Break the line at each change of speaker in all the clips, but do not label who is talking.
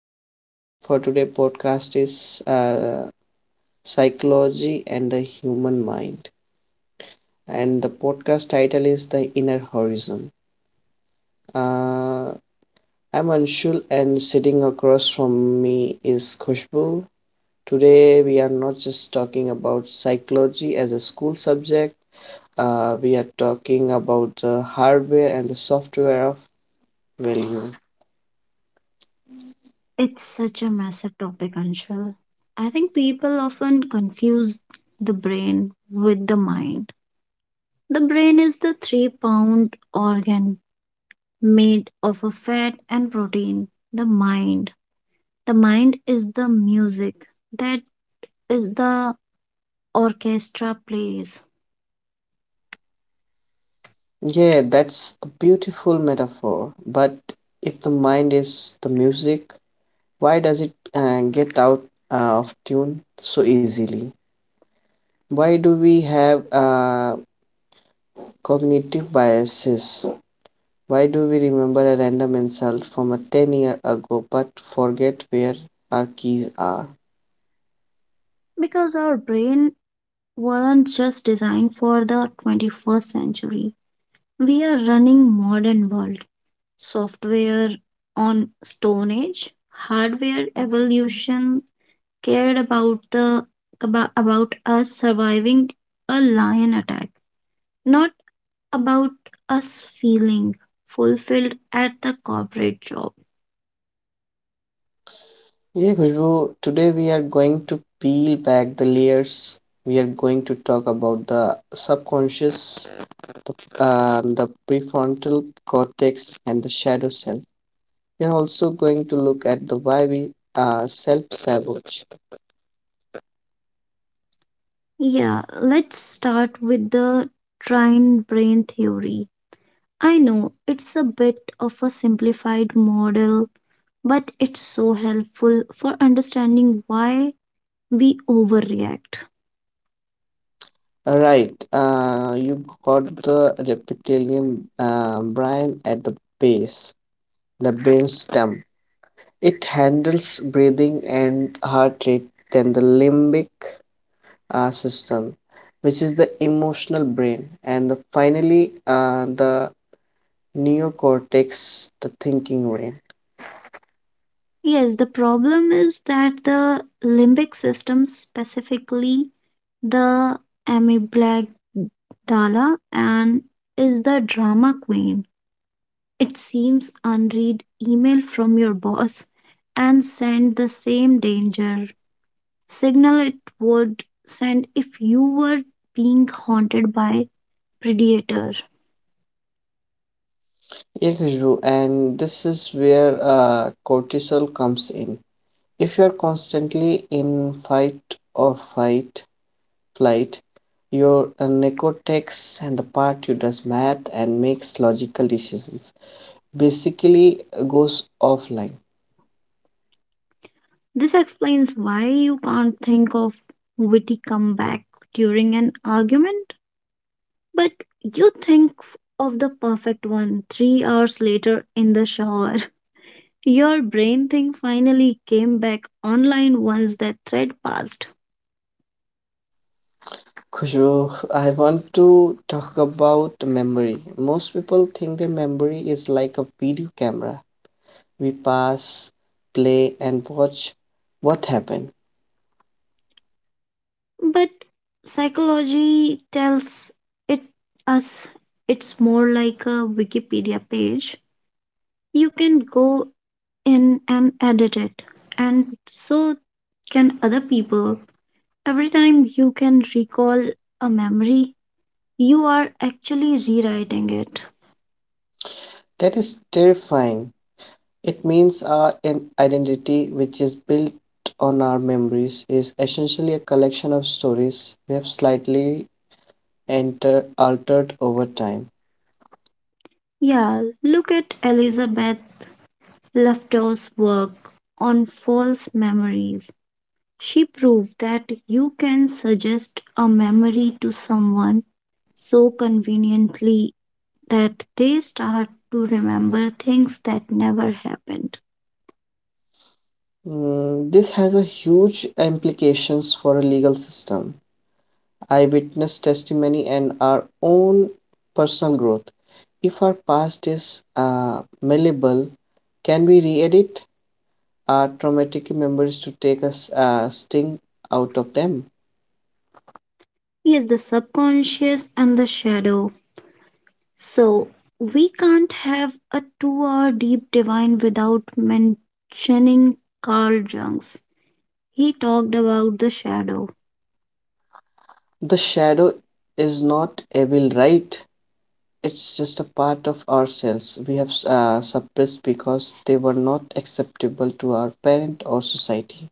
topic for today podcast is psychology and the human mind, and the podcast title is the inner horizon. Uh, I'm Anshul, and sitting across from me is Khushbu. Today we are not just talking about psychology as a school subject. We are talking about the hardware and the software of value.
It's such a massive topic, Anshul. I think people often confuse the brain with the mind. The brain is the 3-pound organ made of a fat and protein. The mind is the music that is the orchestra plays.
Yeah, that's a beautiful metaphor. But if the mind is the music, why does it get out of tune so easily? Why do we have cognitive biases? Why do we remember a random insult from a 10 year ago but forget where our keys are?
Because our brain weren't just designed for the 21st century. We are running modern world software on Stone Age, hardware evolution cared about us surviving a lion attack, not about us feeling fulfilled at the corporate job.
Yeah, Khushbu, today we are going to peel back the layers. We are going to talk about the subconscious the, the prefrontal cortex and the shadow cell. We are also going to look at the why we self sabotage.
Yeah, let's start with the trine brain theory. I know it's a bit of a simplified model, but it's so helpful for understanding why we overreact.
All right, you got the reptilian brain at the base, the brain stem. It handles breathing and heart rate, then the limbic system, which is the emotional brain, and the, finally the neocortex, the thinking brain.
Yes, the problem is that the limbic system, specifically the amygdala, and is the drama queen. It seems unread email from your boss and send the same danger signal it would send if you were being haunted by predator.
Yeah, Khushbu, and this is where cortisol comes in. If you are constantly in fight or fight flight, your neocortex and the part who does math and makes logical decisions basically goes offline.
This explains why you can't think of witty comeback during an argument. But you think of the perfect one 3 hours later in the shower. Your brain thing finally came back online once that thread passed.
Khushbu, I want to talk about memory. Most people think that memory is like a video camera. We pass, play, and watch what happened.
But psychology tells it us it's more like a Wikipedia page. You can go in and edit it, and so can other people. Every time you can recall a memory, you are actually rewriting it.
That is terrifying. It means our identity, which is built on our memories, is essentially a collection of stories we have slightly altered over time.
Yeah, look at Elizabeth Loftus' work on false memories. She proved that you can suggest a memory to someone so conveniently that they start to remember things that never happened.
Mm, this has a huge implications for a legal system. Eyewitness testimony and our own personal growth. If our past is malleable, can we re-edit our traumatic memories to take us sting out of them?
Yes, the subconscious and the shadow. So, we can't have a 2-hour deep divine without mentioning Carl Jung's. He talked about the shadow.
The shadow is not evil, right? It's just a part of ourselves we have suppressed because they were not acceptable to our parent or society.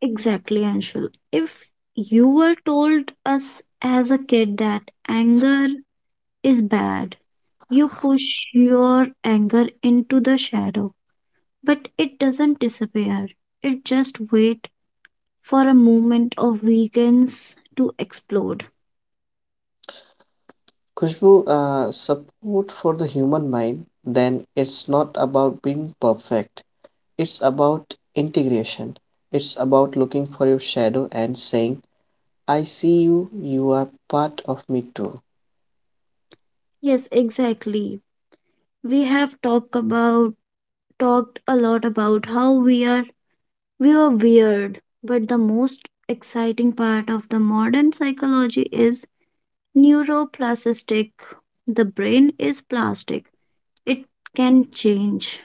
Exactly, Anshul. If you were told us as a kid that anger is bad, you push your anger into the shadow, but it doesn't disappear. It just wait for a moment of weakness to explode.
Kushbu, support for the human mind, then it's not about being perfect. It's about integration. It's about looking for your shadow and saying, I see you, you are part of me too.
Yes, exactly. We have talked a lot about how we were weird, but the most exciting part of the modern psychology is Neuroplastic. The brain is plastic. It can change.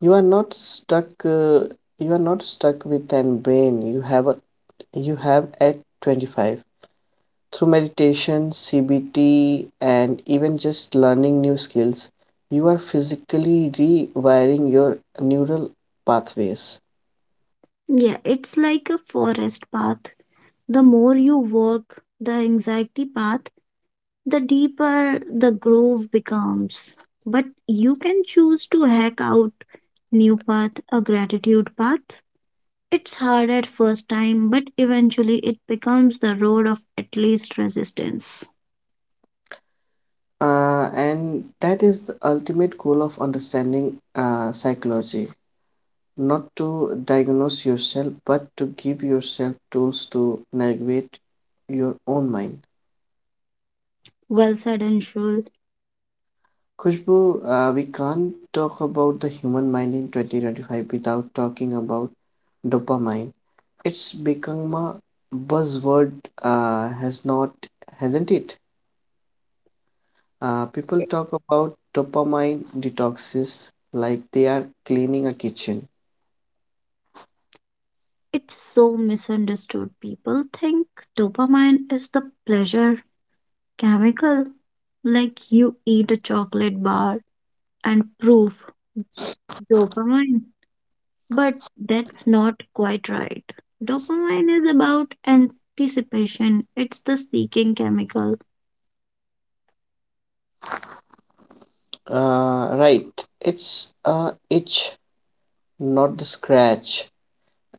You are not stuck, uh, you are not stuck with an brain, you have a you have at 25. Through meditation, CBT, and even just learning new skills, you are physically rewiring your neural pathways.
Yeah, it's like a forest path. The more you work the anxiety path, the deeper the groove becomes. But you can choose to hack out new path, a gratitude path. It's hard at first time, but eventually it becomes the road of at least resistance.
And that is the ultimate goal of understanding psychology not to diagnose yourself but to give yourself tools to navigate your own mind.
Well said, Anshul.
Kushbu, we can't talk about the human mind in 2025 without talking about dopamine. It's become a buzzword, uh, has not, hasn't it? People talk about dopamine detoxes like they are cleaning a kitchen.
It's so misunderstood. People think dopamine is the pleasure chemical, like you eat a chocolate bar and proof dopamine. But that's not quite right. Dopamine is about anticipation, it's the seeking chemical.
Right. It's a itch, not the scratch.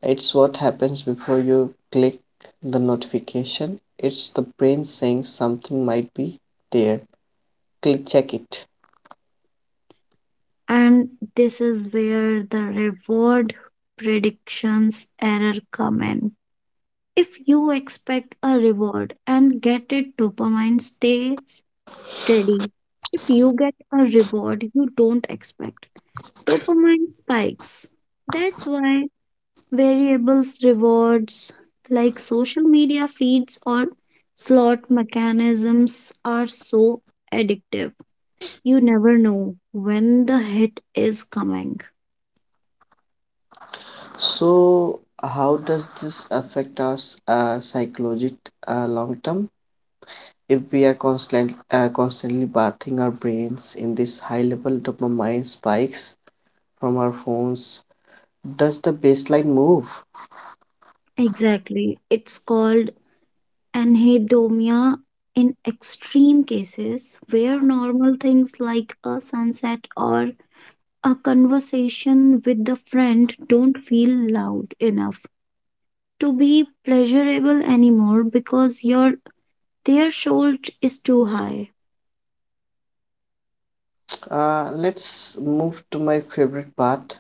It's what happens before you click the notification. It's the brain saying something might be there. Click check it.
And this is where the reward predictions error come in. If you expect a reward and get it, dopamine stays steady. If you get a reward you don't expect, dopamine spikes. That's why variables rewards like social media feeds or slot mechanisms are so addictive. You never know when the hit is coming.
So how does this affect us psychology long term if we are constantly bathing our brains in this high level dopamine spikes from our phones does the baseline move?
Exactly. It's called anhedonia in extreme cases where normal things like a sunset or a conversation with a friend don't feel loud enough to be pleasurable anymore because your their shoulder is too high.
Let's move to my favorite part,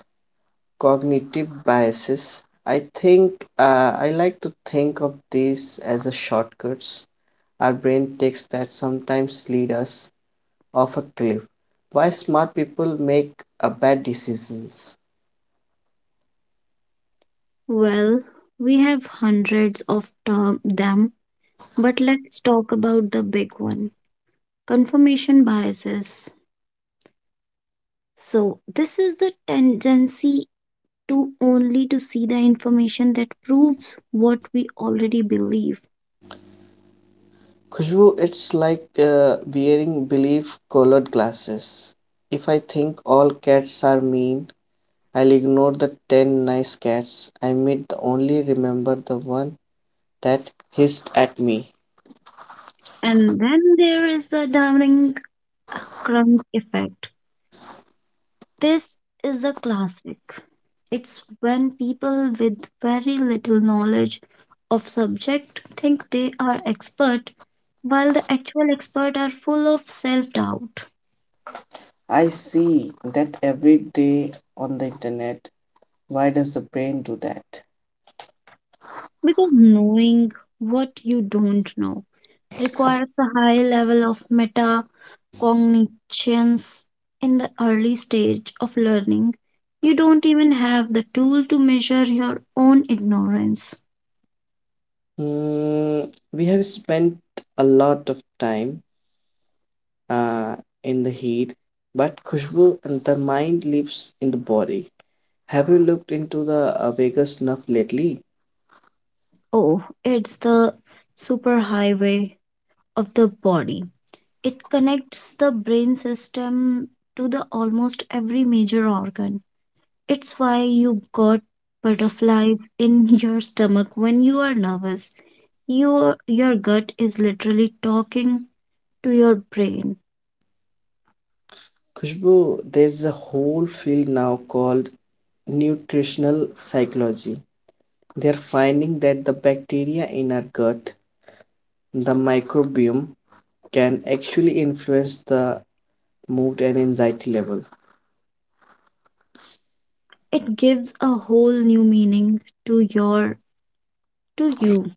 cognitive biases. I think I like to think of these as a shortcuts our brain takes that sometimes lead us off a cliff. Why smart people make bad decisions.
Well, we have hundreds of them, but let's talk about the big one confirmation biases. So, this is the tendency to only to see the information that proves what we already believe.
Khushbu, it's like wearing belief colored glasses. If I think all cats are mean, I'll ignore the 10 nice cats I meet, the only remember the one that hissed at me.
And then there is the damning crunk effect. This is a classic. It's when people with very little knowledge of subject think they are expert while the actual expert are full of self-doubt
I see that every day on the internet. Why does the brain do that?
because knowing what you don't know requires a high level of meta cognitions. In the early stage of learning, you don't even have the tool to measure your own ignorance.
Hmm, we have spent a lot of time uh, in the heat, but Khushbu, the mind lives in the body. Have you looked into the Vegas snuff lately?
Oh, it's the superhighway of the body. It connects the brain system to the almost every major organ. It's why you got butterflies in your stomach when you are nervous. Your gut is literally talking to your brain.
Khushbu, there's a whole field now called nutritional psychology. They're finding that the bacteria in our gut, the microbiome, can actually influence the mood and anxiety level.
It gives a whole new meaning to your to you.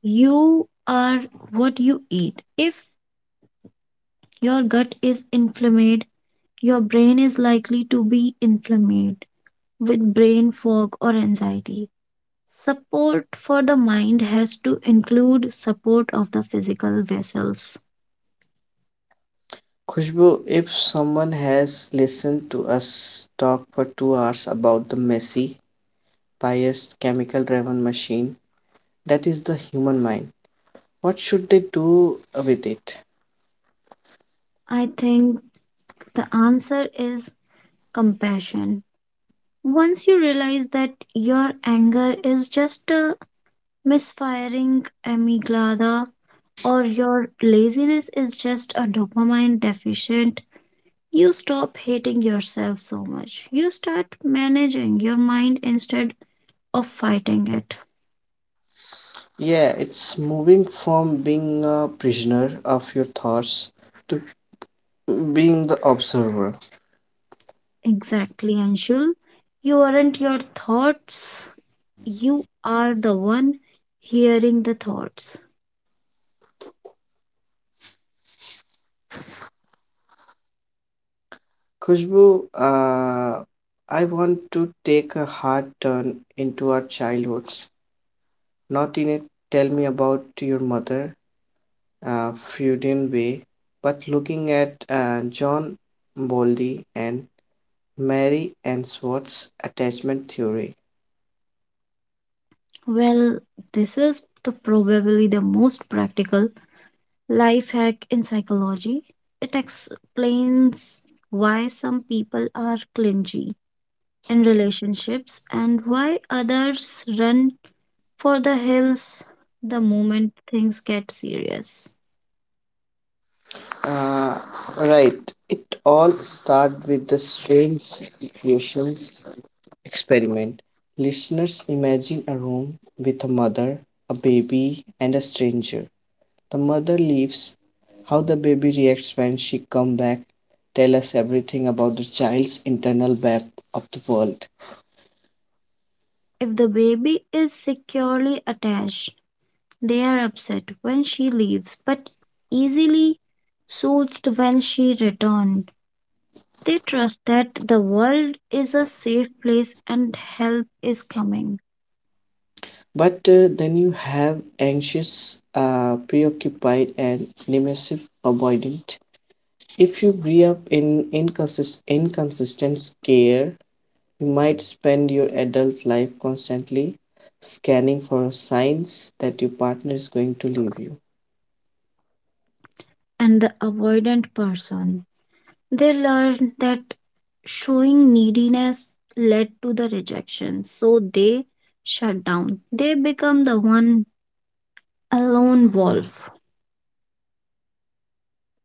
You are what you eat. If your gut is inflamed, your brain is likely to be inflamed with brain fog or anxiety. Support for the mind has to include support of the physical vessels.
Khushbu, if someone has listened to us talk for 2 hours about the messy, biased, chemical driven machine, that is the human mind. What should they do with it?
I think the answer is compassion. Once you realize that your anger is just a misfiring amygdala, or your laziness is just a dopamine deficient, you stop hating yourself so much. You start managing your mind instead of fighting it.
Yeah, it's moving from being a prisoner of your thoughts to being the observer.
Exactly, Anshul. You aren't your thoughts, you are the one hearing the thoughts.
Khushbu, I want to take a hard turn into our childhoods. Not in a tell me about your mother, Freudian way, but looking at John Bowlby and Mary Ainsworth's attachment theory.
Well, this is the probably the most practical life hack in psychology. It explains why some people are clingy in relationships and why others run for the hills the moment things get serious.
Uh, right. It all started with the strange equations experiment. Listeners, imagine a room with a mother, a baby, and a stranger. The mother leaves. How the baby reacts when she come back. Tell us everything about the child's internal map of the world.
If the baby is securely attached, they are upset when she leaves but easily soothed when she returned. They trust that the world is a safe place and help is coming.
But then you have anxious, preoccupied, and dismissive, avoidant. If you grew up in inconsistent care, you might spend your adult life constantly scanning for signs that your partner is going to leave you.
And the avoidant person. They learned that showing neediness led to the rejection, so they shut down. They become the one a lone wolf.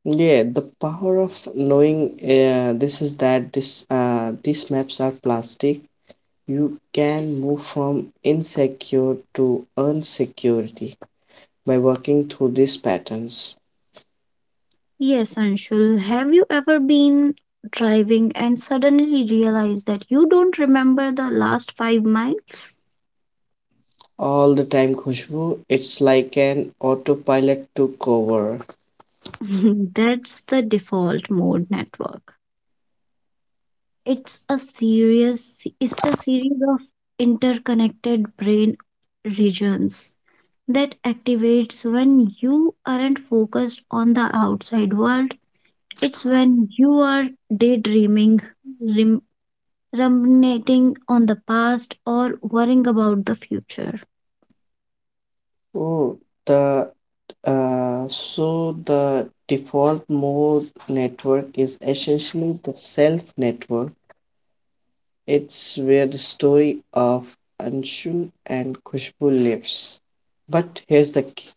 Yeah, the power of knowing this is that this these maps are plastic. You can move from insecure to unsecurity by working through these patterns
Yes, Anshul, have you ever been driving and suddenly realized that you don't remember the last 5 miles?
all the time, Khushbu. It's like an autopilot took over.
That's the default mode network. It's a serious, it's a series of interconnected brain regions that activates when you aren't focused on the outside world. It's when you are daydreaming, rim- ruminating on the past, or worrying about the future.
Oh, the so the default mode network is essentially the self network. It's where the story of Anshul and Khushbu lives. But here's the key.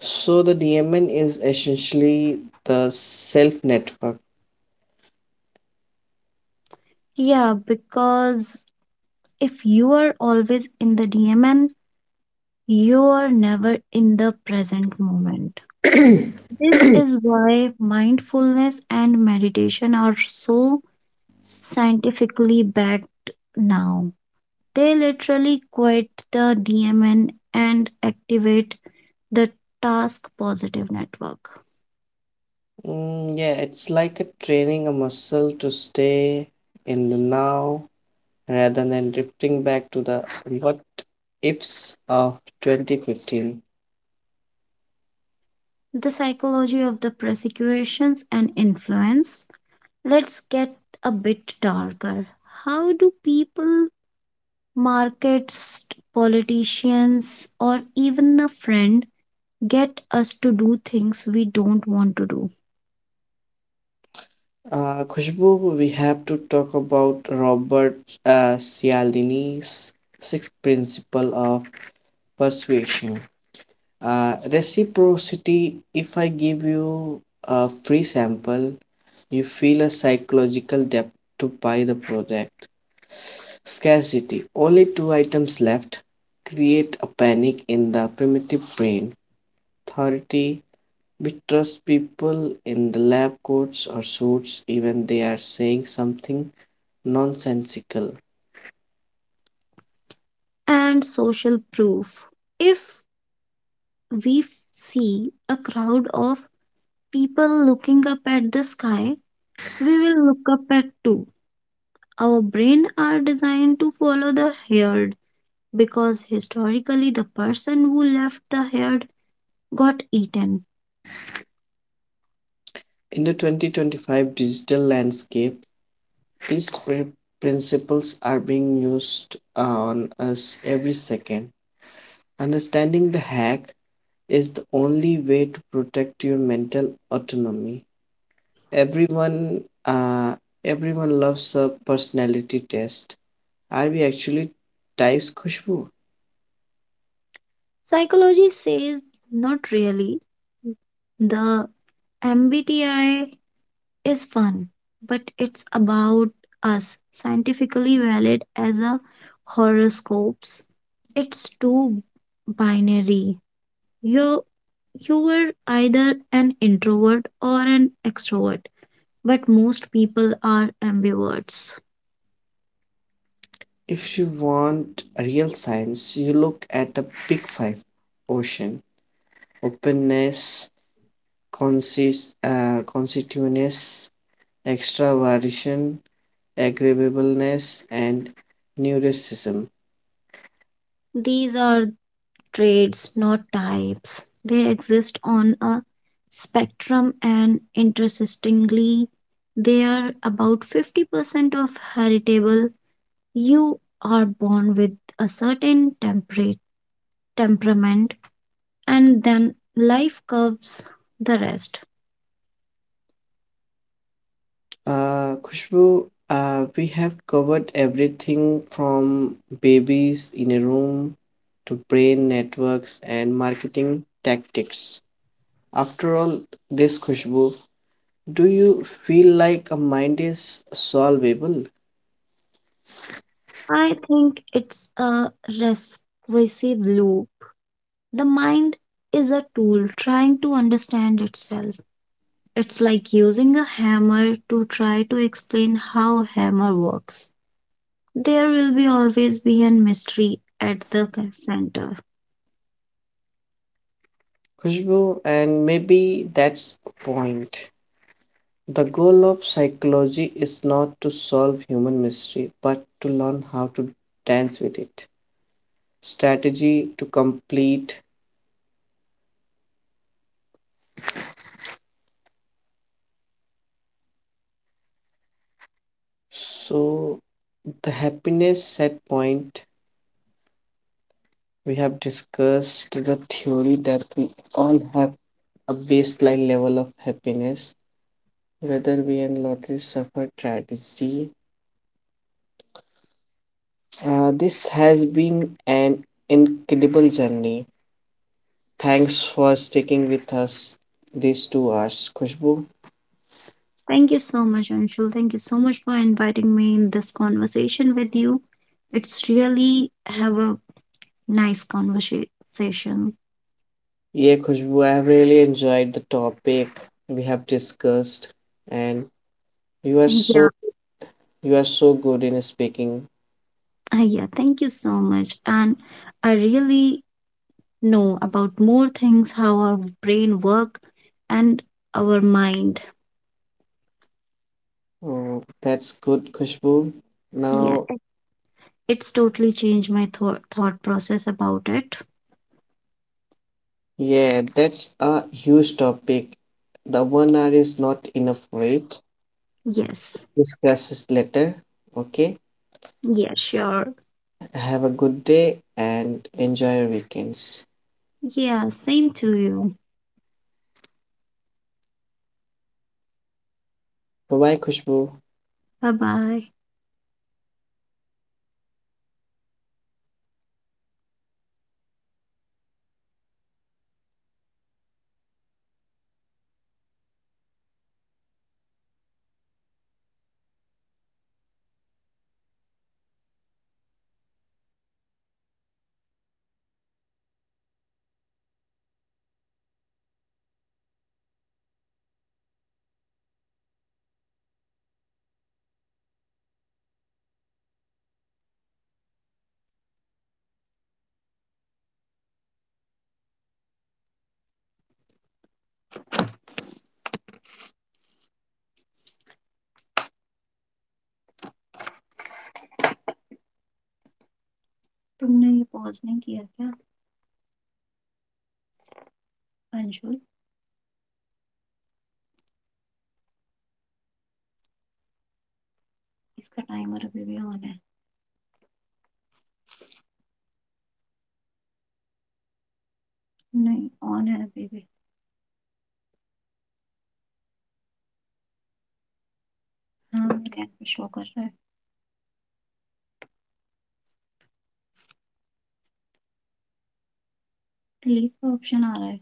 So the DMN is essentially the self network.
Yeah, because if you are always in the DMN, you are never in the present moment. This is why mindfulness and meditation are so scientifically backed now. They literally quit the DMN and activate the task positive network.
Mm, yeah, it's like a training a muscle to stay in the now rather than drifting back to the what ifs of 2015.
The psychology of the prosecutions and influence. Let's get a bit darker. How do people, markets, politicians, or even a friend get us to do things we don't want to do?
Khushbu, we have to talk about Robert Cialdini's sixth principle of persuasion. Reciprocity, if I give you a free sample, you feel a psychological debt to buy the product. Scarcity, only two items left, create a panic in the primitive brain. Authority, we trust people in the lab coats or suits even they are saying something nonsensical.
And social proof. If we see a crowd of people looking up at the sky, we will look up at too. Our brain are designed to follow the herd because historically the person who left the herd got eaten.
In the 2025 digital landscape, these principles are being used on us every second. Understanding the hack is the only way to protect your mental autonomy. Everyone, uh, everyone loves a personality test. Are we actually types, Khushbu?
Psychology says not really. The MBTI is fun, but it's about us scientifically valid as a horoscopes. It's too binary. You you were either an introvert or an extrovert, but most people are ambiverts.
If you want real science, you look at the big five: ocean, openness, constitutiveness, extraversion, agreeableness, and neuroticism.
These are traits, not types. They exist on a spectrum, and interestingly, they are about 50% of heritable. You are born with a certain temperate temperament, and then life curves the rest.
Khushbu, we have covered everything from babies in a room to brain networks and marketing tactics. After all this, Khushbu, do you feel like a mind is solvable?
I think it's a regressive loop. The mind is a tool trying to understand itself. It's like using a hammer to try to explain how hammer works. There will be always be a mystery at the center.
Khushbu, and maybe that's point. The goal of psychology is not to solve human mystery, but to learn how to dance with it. Strategy to complete. So, the happiness set point, we have discussed the theory that we all have a baseline level of happiness, whether we and lottery suffer tragedy. This has been an incredible journey. Thanks for sticking with us these 2 hours, Khushbu.
Thank you so much, Anshul. Thank you so much for inviting me in this conversation with you. It's really have a nice conversation.
Yeah, Khushbu, I have really enjoyed the topic we have discussed, and you are
Yeah,
so you are so good in speaking.
yeah. Thank you so much, and I really know about more things how our brain work and our mind.
Oh, that's good, Khushbu.
Yeah,
Now,
it's totally changed my thought process about it.
yeah, that's a huge topic. The 1 hour is not enough for it.
Yes.
Discuss this later. Okay.
Yeah, sure.
Have a good day and enjoy your weekends.
Yeah, same to you.
Bye bye, Khushbu.
Bye bye. तुमने ये pause नहीं किया क्या, अंशुल? इसका timer अभी भी on है। नहीं, ऑन है अभी भी। हाँ, मेरे ऐप पे शो कर रहा है। डिलीट का ऑप्शन आ रहा है।